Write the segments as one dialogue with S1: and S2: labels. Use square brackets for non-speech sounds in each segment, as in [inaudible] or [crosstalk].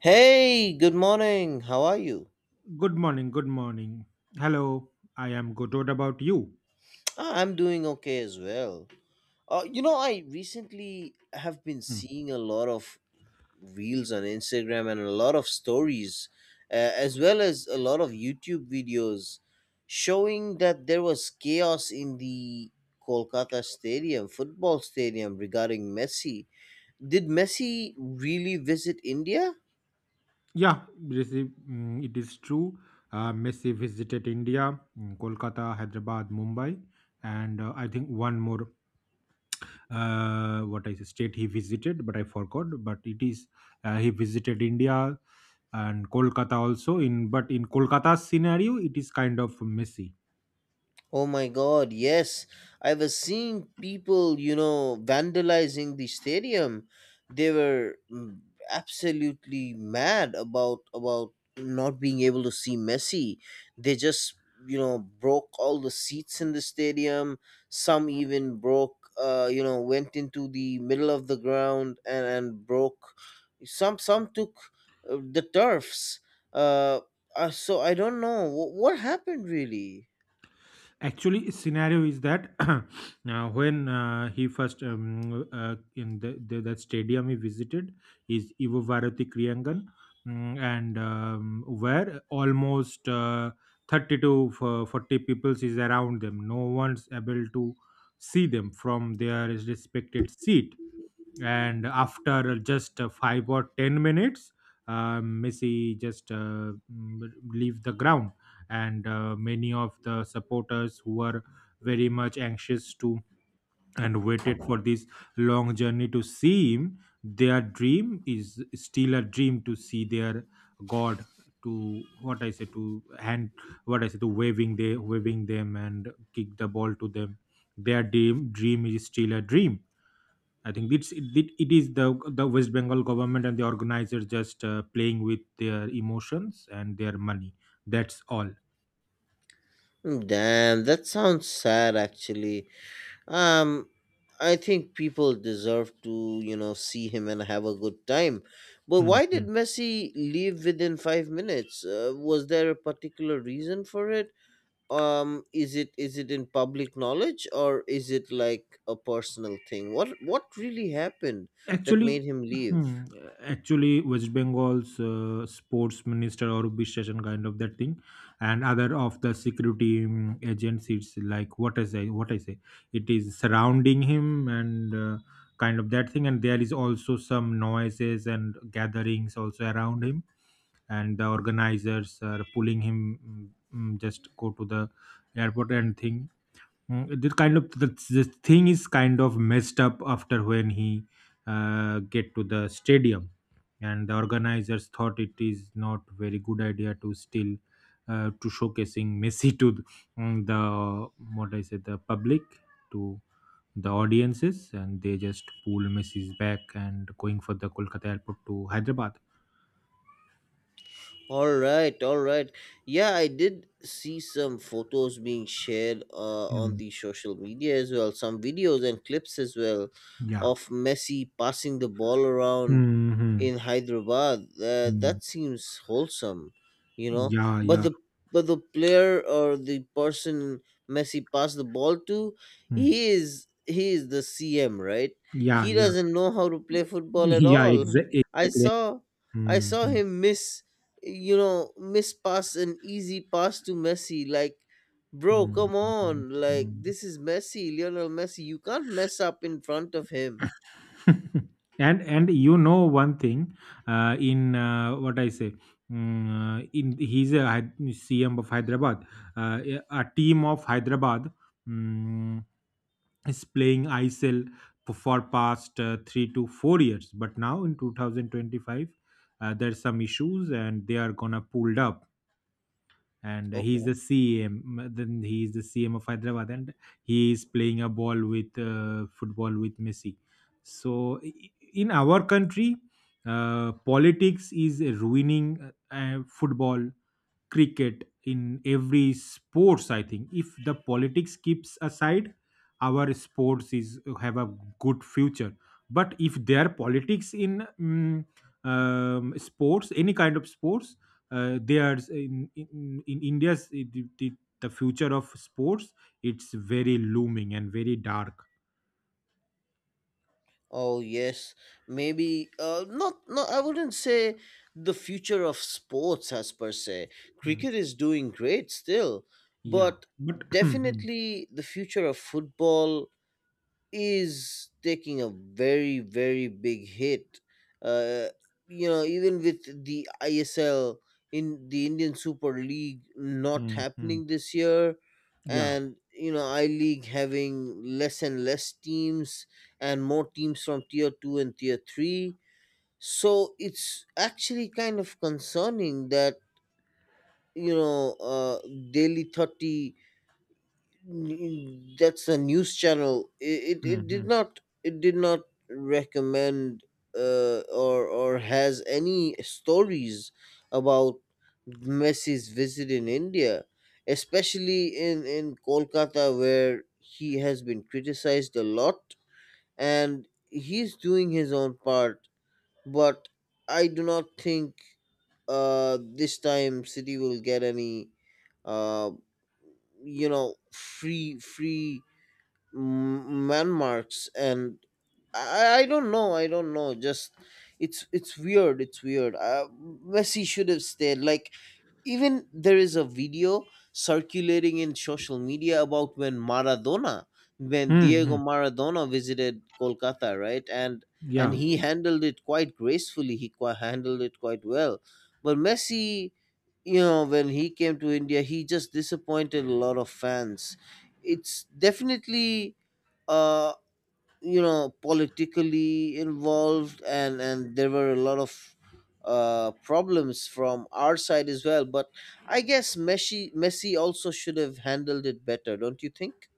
S1: Hey, good morning. How are you?
S2: Good morning. Good morning. Hello. I am good. What about you?
S1: I'm doing okay as well. I recently have been
S2: Hmm.
S1: seeing a lot of reels on Instagram and a lot of stories, as well as a lot of YouTube videos showing that there was chaos in the Kolkata stadium, football stadium regarding Messi. Did Messi really visit India?
S2: Yeah, it is true. Messi visited India, mm, Kolkata, Hyderabad, Mumbai, and I think one more what I say, state he visited, but I forgot. But it is he visited India and Kolkata also. In but in Kolkata's scenario, it is kind of Messi.
S1: Oh my god, yes. I was seeing people, vandalizing the stadium. They were absolutely mad about not being able to see Messi. They just, broke all the seats in the stadium. Some even broke went into the middle of the ground and broke some. Some took the turfs. Uh, so I don't know what happened really.
S2: Actually scenario is that [clears throat] when he first in the that stadium he visited is Ivo Varati Kriyangan, mm, and where almost 30 to 40 peoples is around them, no one's able to see them from their respected seat, and after just 5 or 10 minutes messi just leave the ground, and many of the supporters who were very much anxious to and waited for this long journey to see him, their dream is still a dream to see their god, to what I say to hand, what I say to waving, they waving them and kick the ball to them, their dream is still a dream. I think it it is the West Bengal government and the organizers just playing with their emotions and their money. That's all.
S1: Damn, that sounds sad actually. Um I think people deserve to, see him and have a good time. But why
S2: Hmm.
S1: did Messi leave within 5 minutes? Was there a particular reason for it? Is it is it in public knowledge, or is it like a personal thing? What really happened that
S2: Actually,
S1: made him leave?
S2: hmm, actually, West Bengal's sports minister or Bishesan kind of that thing, and other of the security agents. It's like what I say. It is surrounding him, and kind of that thing, and there is also some noises and gatherings also around him, and the organizers are pulling him. mm, just go to the airport and thing. Mm, the kind of the thing is kind of messed up after when he get to the stadium, and the organizers thought it is not very good idea to still to showcasing messi to the what I say the public to the audiences, and they just pull messi's back and going for the kolkata airport to hyderabad.
S1: All right, all right. Yeah, I did see some photos being shared on
S2: Mm,
S1: the social media as well, some videos and clips as well
S2: yeah.
S1: of Messi passing the ball around
S2: Hmm.
S1: in Hyderabad. That seems wholesome.
S2: Yeah,
S1: But
S2: yeah.
S1: the player, or the person Messi passed the ball to,
S2: Mm.
S1: he is the CM, right?
S2: Yeah,
S1: He
S2: yeah.
S1: doesn't know how to play football at
S2: [laughs]
S1: all. [laughs] I
S2: Exactly.
S1: saw I saw
S2: Mhm.
S1: him miss, miss pass an easy pass to Messi. Like, bro,
S2: Mhm.
S1: come on! Like,
S2: Mhm.
S1: this is Messi, Lionel Messi. You can't mess up in front of him.
S2: [laughs] And you know one thing, in what I say, mm, in he's a CM of hyderabad, a team of hyderabad, mm, is playing ICL, for past 3 to 4 years, but now in 2025 there's some issues and they are gonna pulled up, and he's the
S1: Okay.
S2: CM. Then he's the CM of Hyderabad, and he is playing a ball with football with Messi. So in our country, politics is ruining football, cricket, in every sports. I think if the politics keeps aside, our sports is have a good future. But if there are politics in mm, sports, any kind of sports, there's in in India's it the future of sports. It's very looming and very dark.
S1: Oh yes, maybe not. No, I wouldn't say the future of sports as per se.
S2: Hmm.
S1: Cricket is doing great still,
S2: Yeah,
S1: but
S2: but [clears throat] Hmm.
S1: definitely the future of football is taking a very very big hit, uh even with the ISL, in the Indian Super League, not
S2: Hmm. Hmm.
S1: happening
S2: Hmm.
S1: this year,
S2: Yeah.
S1: and I League having less and less teams and more teams from tier 2 and tier 3, so it's actually kind of concerning that you know uh Delhi 30, that's a news channel, it, it,
S2: Hmm.
S1: it did
S2: Hmm.
S1: not it did not recommend or has any stories about Messi's visit in India, especially in Kolkata, where he has been criticized a lot, and he's doing his own part. But I do not think this time city will get any uh free landmarks, and I don't know, just it's weird. Messi should have stayed. Like, even there is a video circulating in social media about when maradona when
S2: Hmm.
S1: Diego
S2: Hmm.
S1: Maradona visited Kolkata, right, and
S2: Yeah.
S1: he handled it quite gracefully. He handled it quite well. But Messi, when he came to India, he just disappointed a lot of fans. It's definitely, uh, politically involved, and there were a lot of problems from our side as well. But I guess Messi also should have handled it better, don't you think?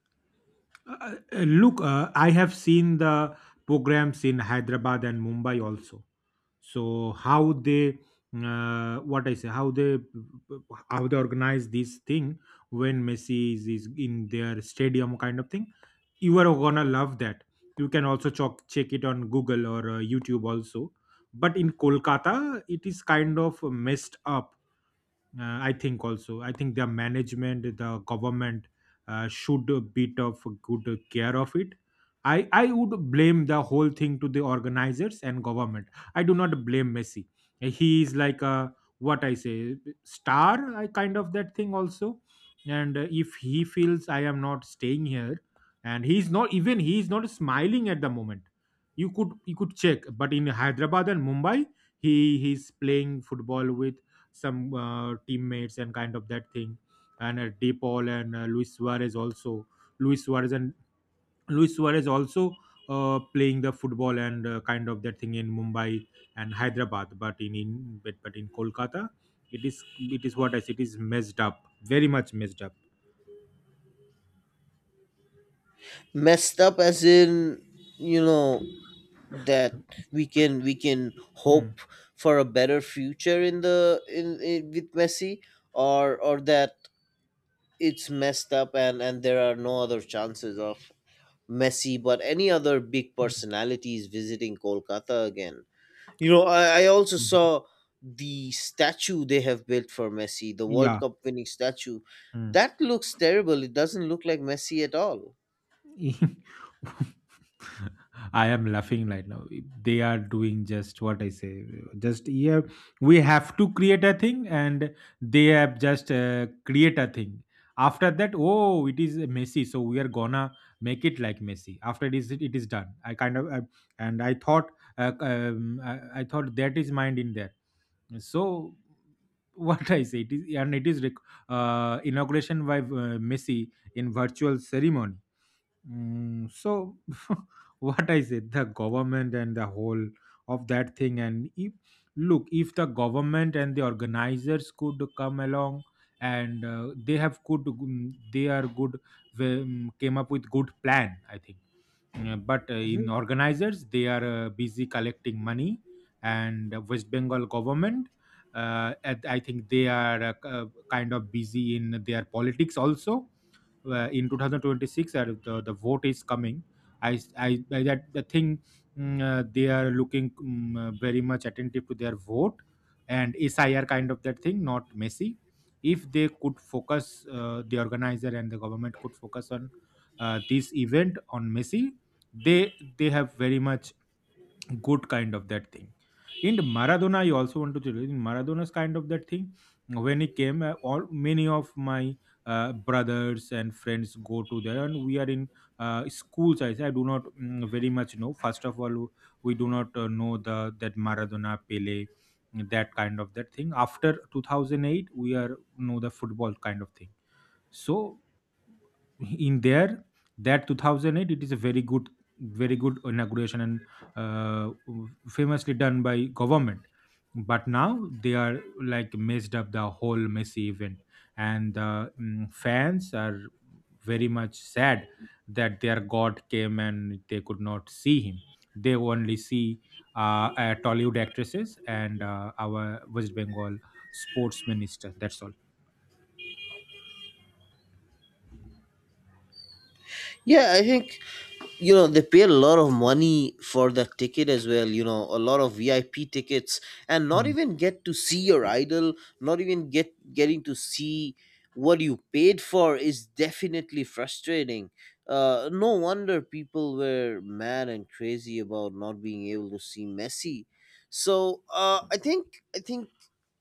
S2: Look, I have seen the programs in Hyderabad and Mumbai also. So how they, what I say, how they organize this thing when Messi is in their stadium kind of thing. You are gonna love that. You can also check it on Google or YouTube also. But in Kolkata, it is kind of messed up, I think also. I think the management, the government should bit of good care of it. I would blame the whole thing to the organizers and government. I do not blame Messi. He is like a what I say star, I kind of that thing also. And if he feels I am not staying here, and he is not smiling at the moment. You could check, but in Hyderabad and Mumbai, he's playing football with some teammates and kind of that thing, and DePaul, and Luis Suarez also. Luis Suarez and Luis Suarez also playing the football, and kind of that thing in Mumbai and Hyderabad, but but in Kolkata, it is it is what I said. It is messed up, very much messed up.
S1: Messed up as in, you know that we can
S2: Mm,
S1: hope for a better future in with Messi, or that it's messed up, and there are no other chances of Messi, but any other big
S2: mm,
S1: personalities visiting Kolkata again. I also
S2: mhm.
S1: saw the statue they have built for Messi, the World
S2: Yeah.
S1: Cup winning statue.
S2: Mm.
S1: That looks terrible. It doesn't look like Messi at all.
S2: [laughs] [laughs] I am laughing right now. They are doing just what I say. Just yeah, we have to create a thing, and they have just create a thing. After that, oh, it is messy, so we are gonna make it like messy. After it is done. I kind of and I thought, I thought that is mind in there. So [laughs] what I say, it is and it is inauguration by Messi in virtual ceremony. Mm, so [laughs] what I said, the government and the whole of that thing, and if look, if the government and the organizers could come along and they have good, mm, they are good, came up with good plan, I think. Mm, but in
S1: Mhm.
S2: organizers, they are busy collecting money, and West Bengal government. I think they are kind of busy in their politics also, in 2026 the vote is coming. I that the thing, they are looking very much attentive to their vote and sir kind of that thing, not messy. If they could focus, the organizer and the government could focus on this event on messi, they have very much good kind of that thing. In the Maradona, I also want to tell you, in Maradona's kind of that thing, when he came, all many of my brothers and friends go to there, and we are in schools. I say I do not mm, very much know. First of all, we do not know the that Maradona, Pele, that kind of that thing. After 2008, we are know the football kind of thing. So in there that 2008, it is a very good very good inauguration and uh, famously done by government. But now they are like messed up the whole messy event, and the mm, fans are very much sad that their god came and they could not see him. They only see tollywood actresses and our west bengal sports minister. That's all.
S1: Yeah, I think they pay a lot of money for the ticket as well, a lot of VIP tickets, and not even get to see your idol, not even getting to see what you paid for, is definitely frustrating. No wonder people were mad and crazy about not being able to see Messi. So I think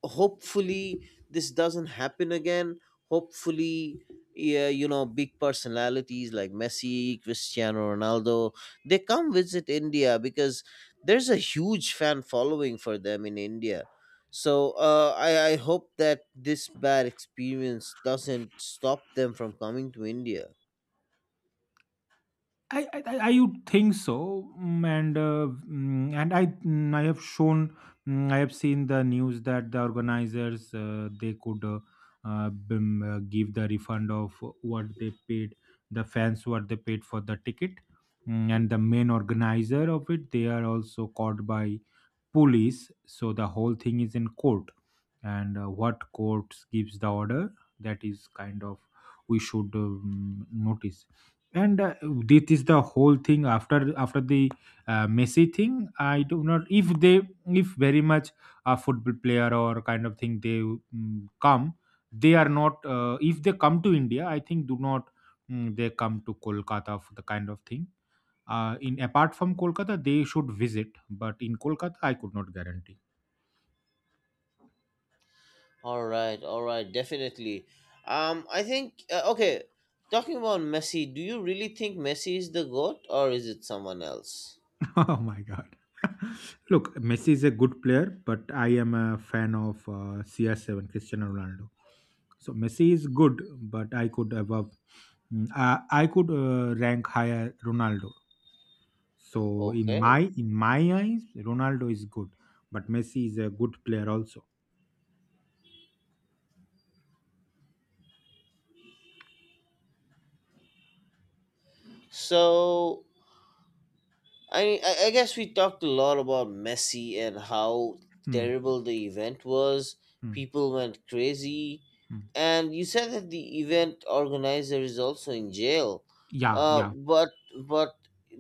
S1: hopefully this doesn't happen again. Hopefully, yeah, big personalities like Messi, Cristiano Ronaldo, they come visit India because there's a huge fan following for them in India. So I hope that this bad experience doesn't stop them from coming to India.
S2: I would think so, mm, and I mm, I have seen the news that the organizers they could give the refund of what they paid, the fans what they paid for the ticket. Mm, and the main organizer of it, they are also caught by police, so the whole thing is in court, and what court gives the order, that is kind of we should notice. And this is the whole thing after the Messi thing. I do not if they if very much a football player or kind of thing, they mm, come, they are not if they come to India, I think do not mm, they come to Kolkata for the kind of thing. In apart from Kolkata, they should visit, but in Kolkata, I could not guarantee.
S1: All right, definitely. I think okay. Talking about Messi, do you really think Messi is the goat, or is it someone else?
S2: [laughs] Oh my god. [laughs] Look, Messi is a good player, but I am a fan of CR7, Cristiano Ronaldo. So Messi is good, but I could above, I could rank higher Ronaldo. So
S1: Okay,
S2: in my eyes, Ronaldo is good, but Messi is a good player also.
S1: so I mean, I guess we talked a lot about Messi and how
S2: Hmm.
S1: terrible the event was.
S2: Hmm.
S1: People went crazy,
S2: Hmm.
S1: and you said that the event organizer is also in jail.
S2: Yeah, yeah.
S1: But but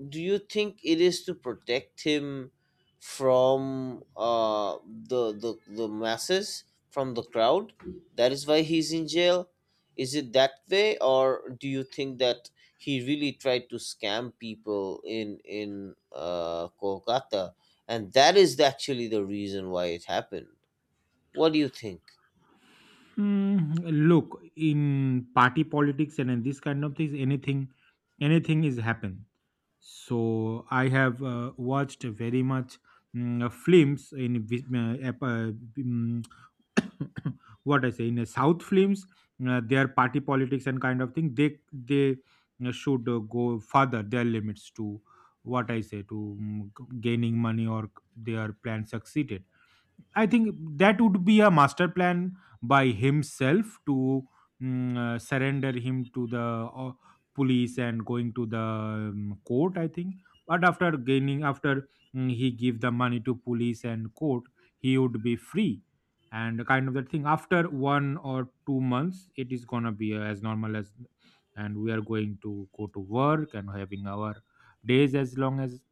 S1: do you think it is to protect him from the masses, from the crowd? That is why he's in jail. Is it that way, or do you think that he really tried to scam people in Kolkata, and that is actually the reason why it happened? What do you think?
S2: Mm, look, in party politics and in this kind of things, anything is happen. So I have watched very much films in mm, [coughs] what I say in South films, their party politics and kind of thing. They should go further their limits to what I say to gaining money or their plan succeeded. I think that would be a master plan by himself to surrender him to the police and going to the court. I think, but after gaining, after mm, he give the money to police and court, he would be free and kind of that thing. After one or two months, it is gonna be as normal as, and we are going to go to work and having our days as long as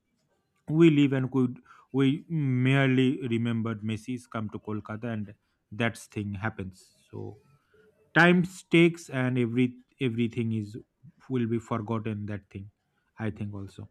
S2: we live and could. We merely remembered Messi's come to Kolkata and that's thing happens. So time takes, and everything is will be forgotten that thing, I think also.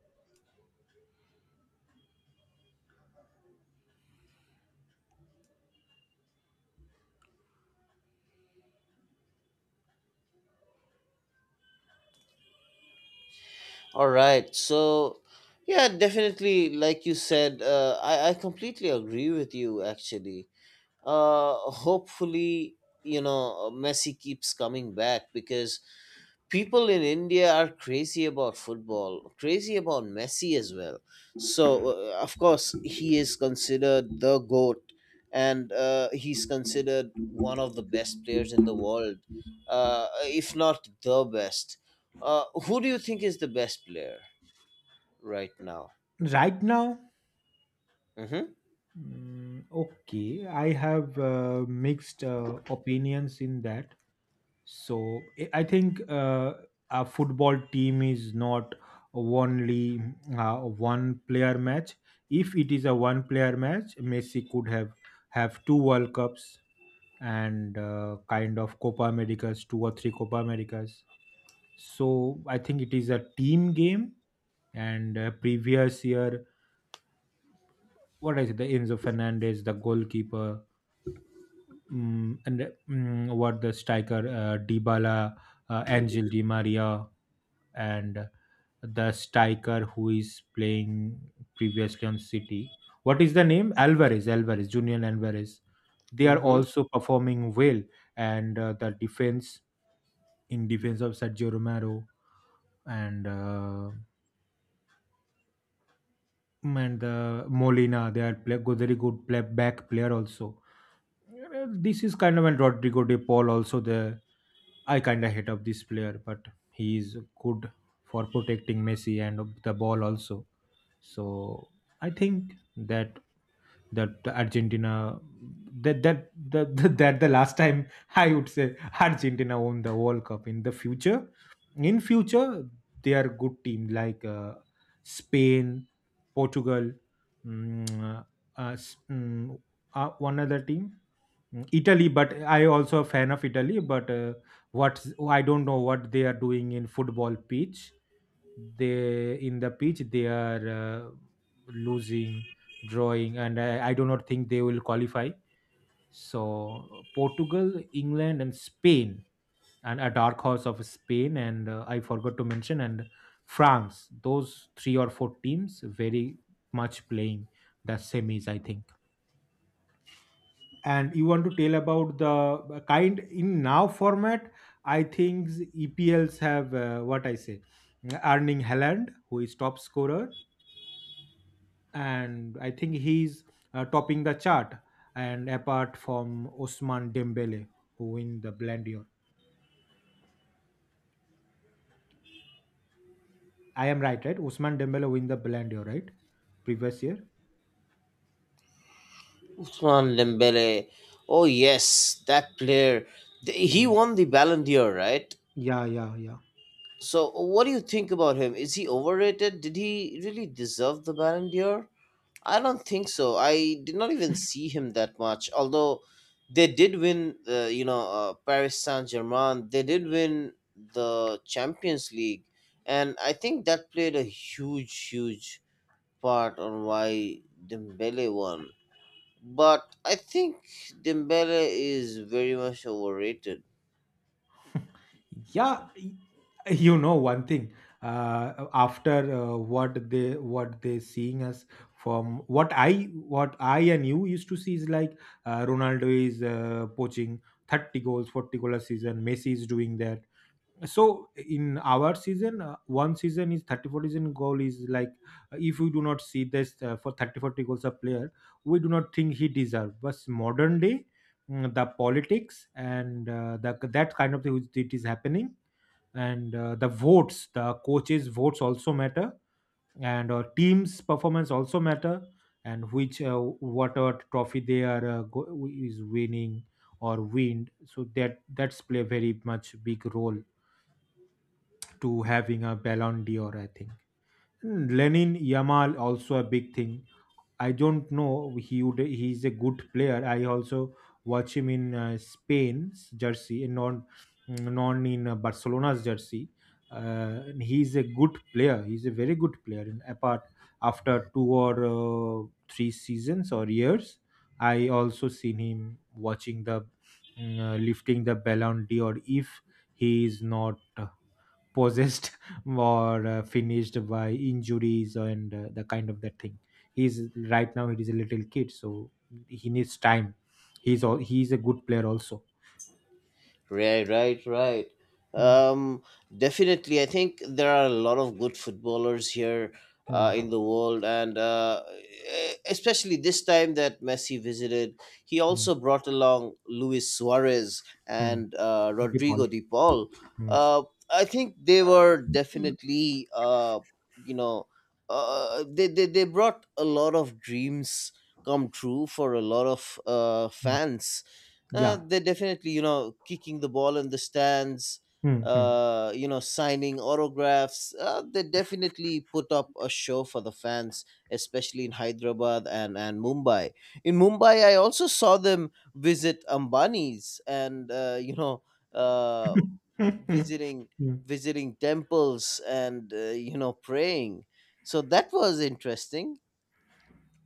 S1: All right, so yeah, definitely, like you said, I completely agree with you. Actually, uh, hopefully, Messi keeps coming back because people in India are crazy about football, crazy about Messi as well. So, of course, he is considered the GOAT, and he's considered one of the best players in the world, if not the best. Who do you think is the best player right now?
S2: Right now
S1: Mm-hmm.
S2: mm, okay, I have mixed opinions in that. So I think a football team is not only uh, one player match. If it is a one player match, Messi could have two World Cups and kind of Copa Americas, two or three Copa Americas. So I think it is a team game. And previous year, what I said, the Enzo Fernandez, the goalkeeper, what the striker, Dybala, Angel Di Maria, and the striker who is playing previously on City. What is the name? Julian Alvarez. They are
S1: Mm-hmm.
S2: also performing well, and the defense, in defense of Sergio Romero and uh, and Molina. They are very good play, back player also. This is kind of, and Rodrigo De Paul also, the I kind of hate of this player, but he is good for protecting Messi and the ball also. So I think that Argentina, [laughs] that the last time, [laughs] I would say Argentina won the World Cup in the future. In future They are good team, like Spain, Portugal, mm, uh, uh, s- mm, one other team. Italy, but I also a fan of Italy, but what I don't know what they are doing in football pitch. They, in the pitch, they are losing, drawing, and I do not think they will qualify. So Portugal, England, and Spain, and a dark horse of Spain, and I forgot to mention, and France. Those three or four teams very much playing the semis, I think. And you want to tell about the kind in now format? I think EPLs have what I say, Erling Haaland, who is top scorer, and I think he's topping the chart. And apart from Osman Dembele, who win the Ballon d'Or, I am right, right? Osman Dembele win the Ballon d'Or, right? Previous year.
S1: Usman Dembele. Oh, yes, that player. He
S2: Hmm.
S1: won the Ballon d'Or, right?
S2: Yeah, yeah, yeah,
S1: So, what do you think about him? Is he overrated? Did he really deserve the Ballon d'Or? I don't think so. I did not even see him that much. Although they did win, Paris Saint Germain. They did win the Champions League, and I think that played a huge, huge part on why Dembele won. But I think Dembele is very much overrated.
S2: yeah. You know one thing. After what they seeing us, from what I and you used to see, is like Ronaldo is poaching 30 goals, 40 goal a season. Messi is doing that, so in our season, one season is 30 40 season goal, is like if we do not see this for 30 40 goals a player, we do not think he deserve. But modern day, the politics and the, that kind of thing which it is happening, and the votes, the coaches votes, also matter, and teams performance also matter, and which whatever trophy they are is winning or wind, so that's play very much big role to having a Ballon d'Or, I think. And Lenin Yamal also a big thing. I don't know, he's a good player. I also watch him in Spain's jersey and non in Barcelona's jersey. And he's a good player. He's a very good player. And apart, after two or three seasons or years, I also seen him watching the lifting the Ballon d'Or, if he is not possessed [laughs] or finished by injuries and the kind of that thing. He's, right now he is a little kid, so he needs time. He's a good player also.
S1: Right, right, right.
S2: Hmm,
S1: Um, Definitely, I think there are a lot of good footballers here,
S2: hmm,
S1: in the world, and especially this time that Messi visited, he
S2: hmm,
S1: also brought along Luis Suarez
S2: hmm.
S1: and
S2: Deep ball.
S1: Rodrigo de Paul.
S2: Hmm,
S1: Uh, I think they were definitely, you know, they brought a lot of dreams come true for a lot of
S2: hmm.
S1: fans.
S2: Yeah.
S1: They definitely, kicking the ball in the stands,
S2: Hmm, hmm.
S1: signing autographs. They definitely put up a show for the fans, especially in Hyderabad and Mumbai. In Mumbai, I also saw them visit Ambani's and, uh, visiting
S2: Hmm. [laughs]
S1: temples, and, praying. So that was interesting.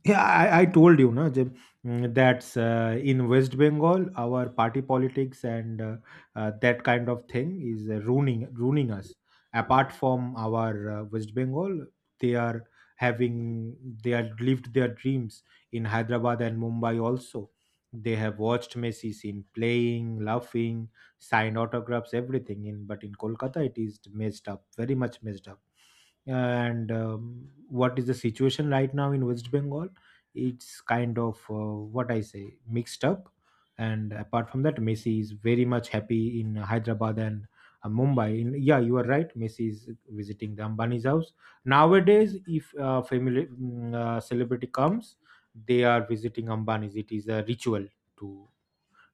S2: Yeah, I told you, no, Jim, that's in West Bengal, our party politics and that kind of thing is ruining us. Apart from our West Bengal, they are, having they have lived their dreams in Hyderabad and Mumbai also. They have watched Messi's in playing, laughing, signed autographs, everything. In but in Kolkata, it is messed up, very much messed up. And what is the situation right now in West Bengal? It's kind of what I say mixed up. And apart from that, Messi is very much happy in Hyderabad and Mumbai. Yeah, you are right. Messi is visiting the Ambani's house nowadays. If family, celebrity comes, they are visiting Ambani's. It is a ritual to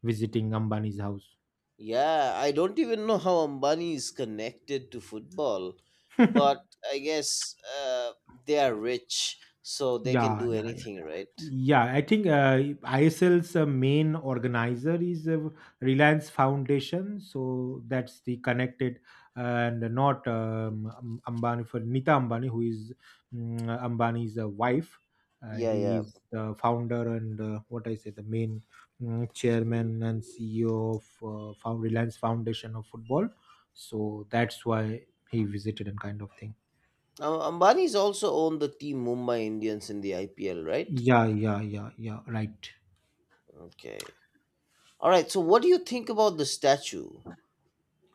S2: visiting Ambani's house.
S1: Yeah, I don't even know how Ambani is connected to football,
S2: [laughs] Yeah,
S1: but I guess they are rich, so they can
S2: yeah,
S1: do
S2: yeah.
S1: anything, right?
S2: Yeah, I think ISL's main organizer is Reliance Foundation. So that's the connected, uh, and not Ambani for Nita Ambani, who is Ambani's wife.
S1: Yeah,
S2: He
S1: yeah.
S2: is the founder and, what I say, the main chairman and CEO of Found Reliance Foundation of Football. So that's why he visited and kind of thing.
S1: Ambani's also owned the team Mumbai Indians in the IPL, right?
S2: Yeah, yeah, yeah, yeah, right.
S1: Okay. All right. So, what do you think about the statue?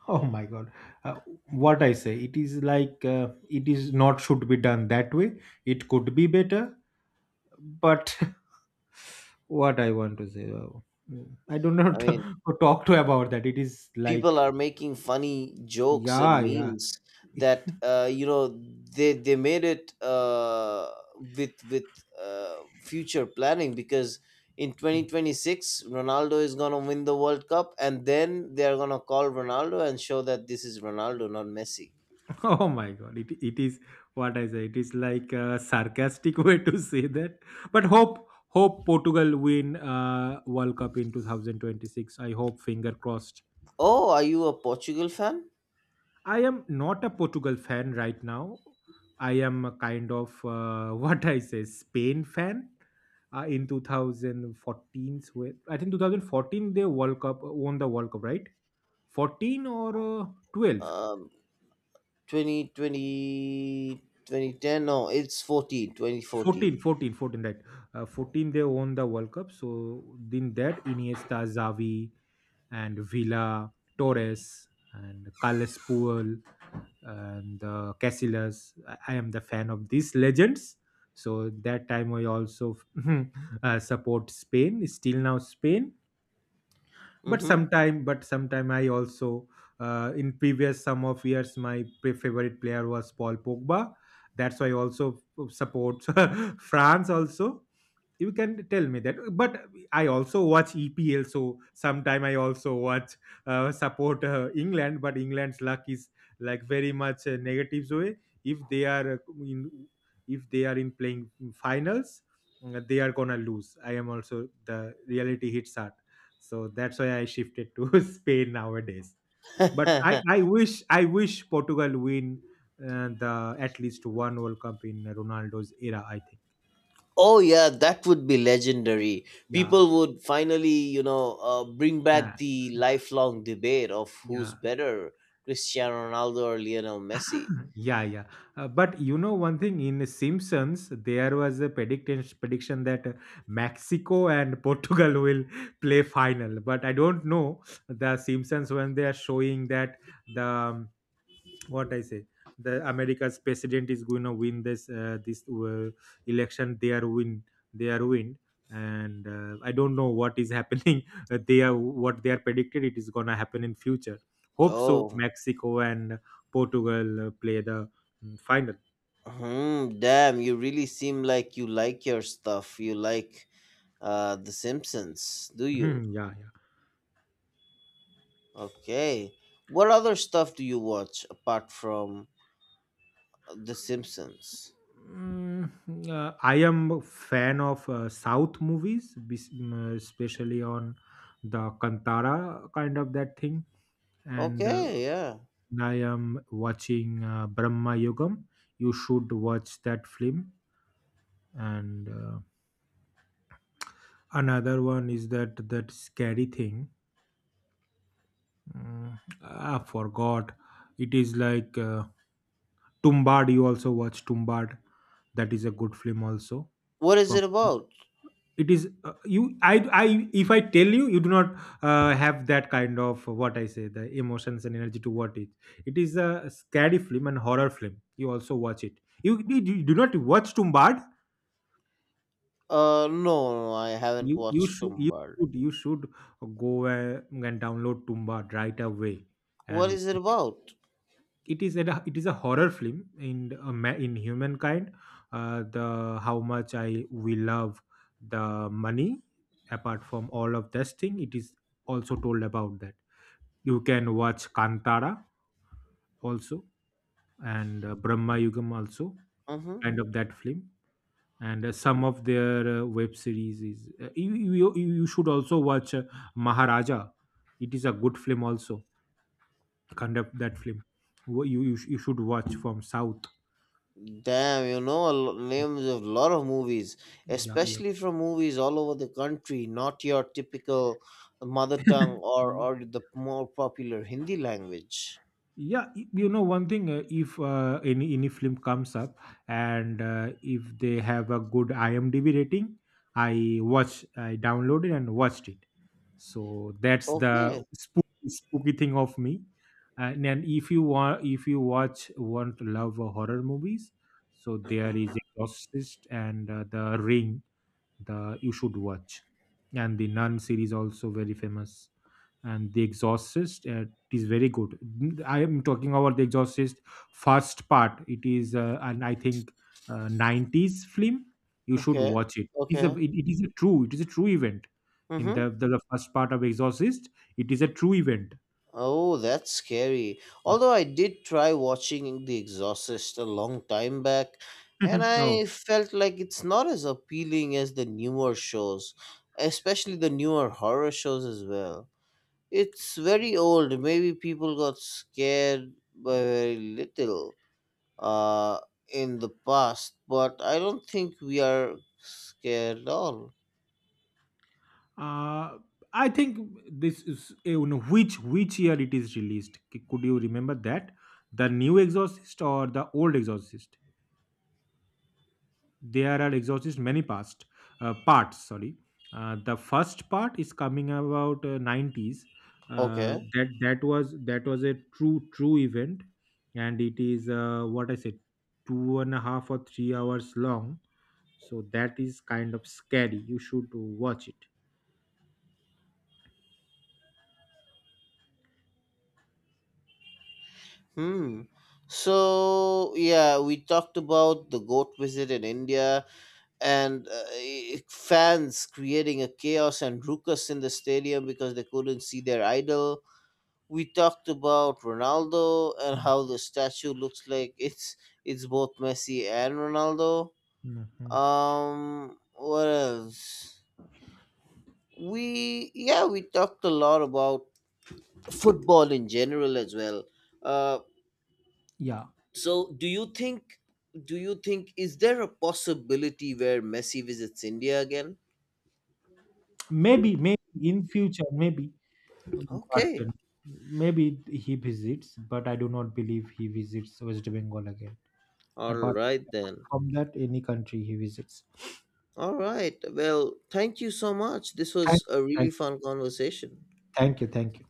S2: Oh my God. Uh, what I say, it is like, it is not should be done that way. It could be better, but [laughs] what I want to say, I do
S1: I
S2: not
S1: mean,
S2: [laughs] talk to about that. It is
S1: people
S2: like,
S1: are making funny jokes
S2: yeah,
S1: and
S2: yeah.
S1: memes that, they made it with future planning because in
S2: [laughs]
S1: 2026 Ronaldo is gonna win the World Cup, and then they are gonna call Ronaldo and show that this is Ronaldo, not Messi.
S2: Oh my God. It is what I say. It is like a sarcastic [laughs] way to say that. But hope Portugal win World Cup in 2026. I hope, finger crossed.
S1: Oh, are you a Portugal fan?
S2: I am not a Portugal fan right now. I am a kind of [laughs] what I say Spain fan. In 2014, I think 2014 they World Cup won the World Cup, right? 14 or 12?
S1: Um, 2020 2010. No, it's 14,
S2: 14,
S1: 2014.
S2: 14, 14. Right, 14 they won the World Cup. So in that, Iniesta, Xavi, and Villa, Torres, and Carles Puel, and Casillas, I am the fan of these legends. So that time I also [laughs] support Spain. Still now Spain, but sometime I also, in previous some of years, my favorite player was Paul Pogba. That's why I also support [laughs] France also. You can tell me that, but I also watch EPL, so sometime I also watch, support England. But England's luck is like very much a negative way. If they are in if they are in playing finals, they are gonna lose. I am also, the reality hits hard, so that's why I shifted to [laughs] Spain nowadays. But i
S1: Mm-hmm. [laughs]
S2: i wish i wish Portugal win the at least one World Cup in Ronaldo's era, I think.
S1: Oh yeah, that would be legendary.
S2: Yeah.
S1: People would finally, bring back
S2: Uh,
S1: the lifelong debate of who's
S2: yeah.
S1: better, Cristiano Ronaldo or Lionel Messi.
S2: [laughs] Yeah, yeah. But you know one thing, in Simpsons there was a prediction that Mexico and [laughs] Portugal will play final, but I don't know. The Simpsons, when they are showing that, the what I say. The America's president is going to win this election. They are win. They are win. And I don't know what is happening. [laughs] They are what they are predicted, it is gonna happen in future. Hope so.
S1: Oh,
S2: Mexico and Portugal play the final.
S1: damn! You really seem like you like your stuff. You like The Simpsons, do you?
S2: Mhm, yeah, yeah.
S1: Okay. What other stuff do you watch apart from The Simpsons?
S2: Mm, I am a fan of South movies, especially on the Kantara kind of that thing, and
S1: Okay, yeah.
S2: I am watching Brahma Yogam. You should watch that film. And another one is that scary thing. I forgot. It is like, Tumbad. You also watch Tumbad. That is a good film also.
S1: What is
S2: From,
S1: it about?
S2: it is you. I if I tell you, you do not have that kind of, what I say, the emotions and energy to watch it. It is a scary film and horror film. You also watch it. You do not watch Tumbad?
S1: No, no, I haven't
S2: you you
S1: watched
S2: should you
S1: Gumball.
S2: you should go and download Tumba right away
S1: What
S2: and
S1: is it
S2: watch it.
S1: about?
S2: It is a horror film in in humankind. The, how much I we love the money. Apart from all of this thing, it is also told about that. You can watch Kantara also, and Brahma Yugam also,
S1: Hmm.
S2: kind of that film, and some of their web series is, you should also watch Maharaja. It is a good film also, kind of that film. You should watch from South.
S1: Damn, you know, names of lot of movies,
S2: Yeah.
S1: especially from movies all over the country, not your typical mother tongue
S2: Yeah.
S1: or
S2: [laughs]
S1: or the more popular Hindi language.
S2: Yeah. You know one thing, if any film comes up, and if they have a good IMDB rating, I downloaded and watched it. So that's the
S1: Okay,
S2: spooky, spooky thing of me. And then, if you watch want to love horror movies, so there is Exorcist and The Ring. The You should watch. And the Nun series also very famous. And the Exorcist, it is very good. I am talking about the Exorcist first part. It is and I think 90s film. You should
S1: okay,
S2: watch it. It is a
S1: okay.
S2: it, it is a true it is a true event. In
S1: Mm-hmm.
S2: the first part of Exorcist, it is a true event.
S1: Oh, that's scary. Although I did try watching The Exorcist a long time back, and
S2: [laughs]
S1: I
S2: Oh.
S1: felt like it's not as appealing as the newer shows, especially the newer horror shows as well. It's very old. Maybe people got scared by very little, uh, in the past, but I don't think we are scared at all.
S2: uh, I think this is, which year it is released? Could you remember that? The new Exorcist or the old Exorcist? There are Exorcist many past, parts, sorry. The first part is coming about 90s.
S1: Okay.
S2: That was a true event. And it is, what I said, two and a half or 3 hours long. So that is kind of scary, you should watch it.
S1: Hmm. So yeah, we talked about the goat visit in India, and fans creating a chaos and ruckus in the stadium because they couldn't see their idol. We talked about Ronaldo and
S2: Mm,
S1: how the statue looks like [laughs] it's both Messi and Ronaldo.
S2: mm, mm.
S1: What else? We talked a lot about football in general as well. Uh,
S2: Yeah.
S1: so do you think, is there a possibility where Messi visits India again?
S2: Maybe in future, maybe, but
S1: Okay,
S2: maybe he visits, but I do not believe he visits West Bengal again.
S1: all
S2: apart,
S1: right
S2: Apart
S1: then.
S2: from that, any country he visits.
S1: All right. Well, thank you so much. This
S2: Thank
S1: was
S2: you,
S1: a really
S2: thank you.
S1: fun conversation.
S2: Thank you, thank you.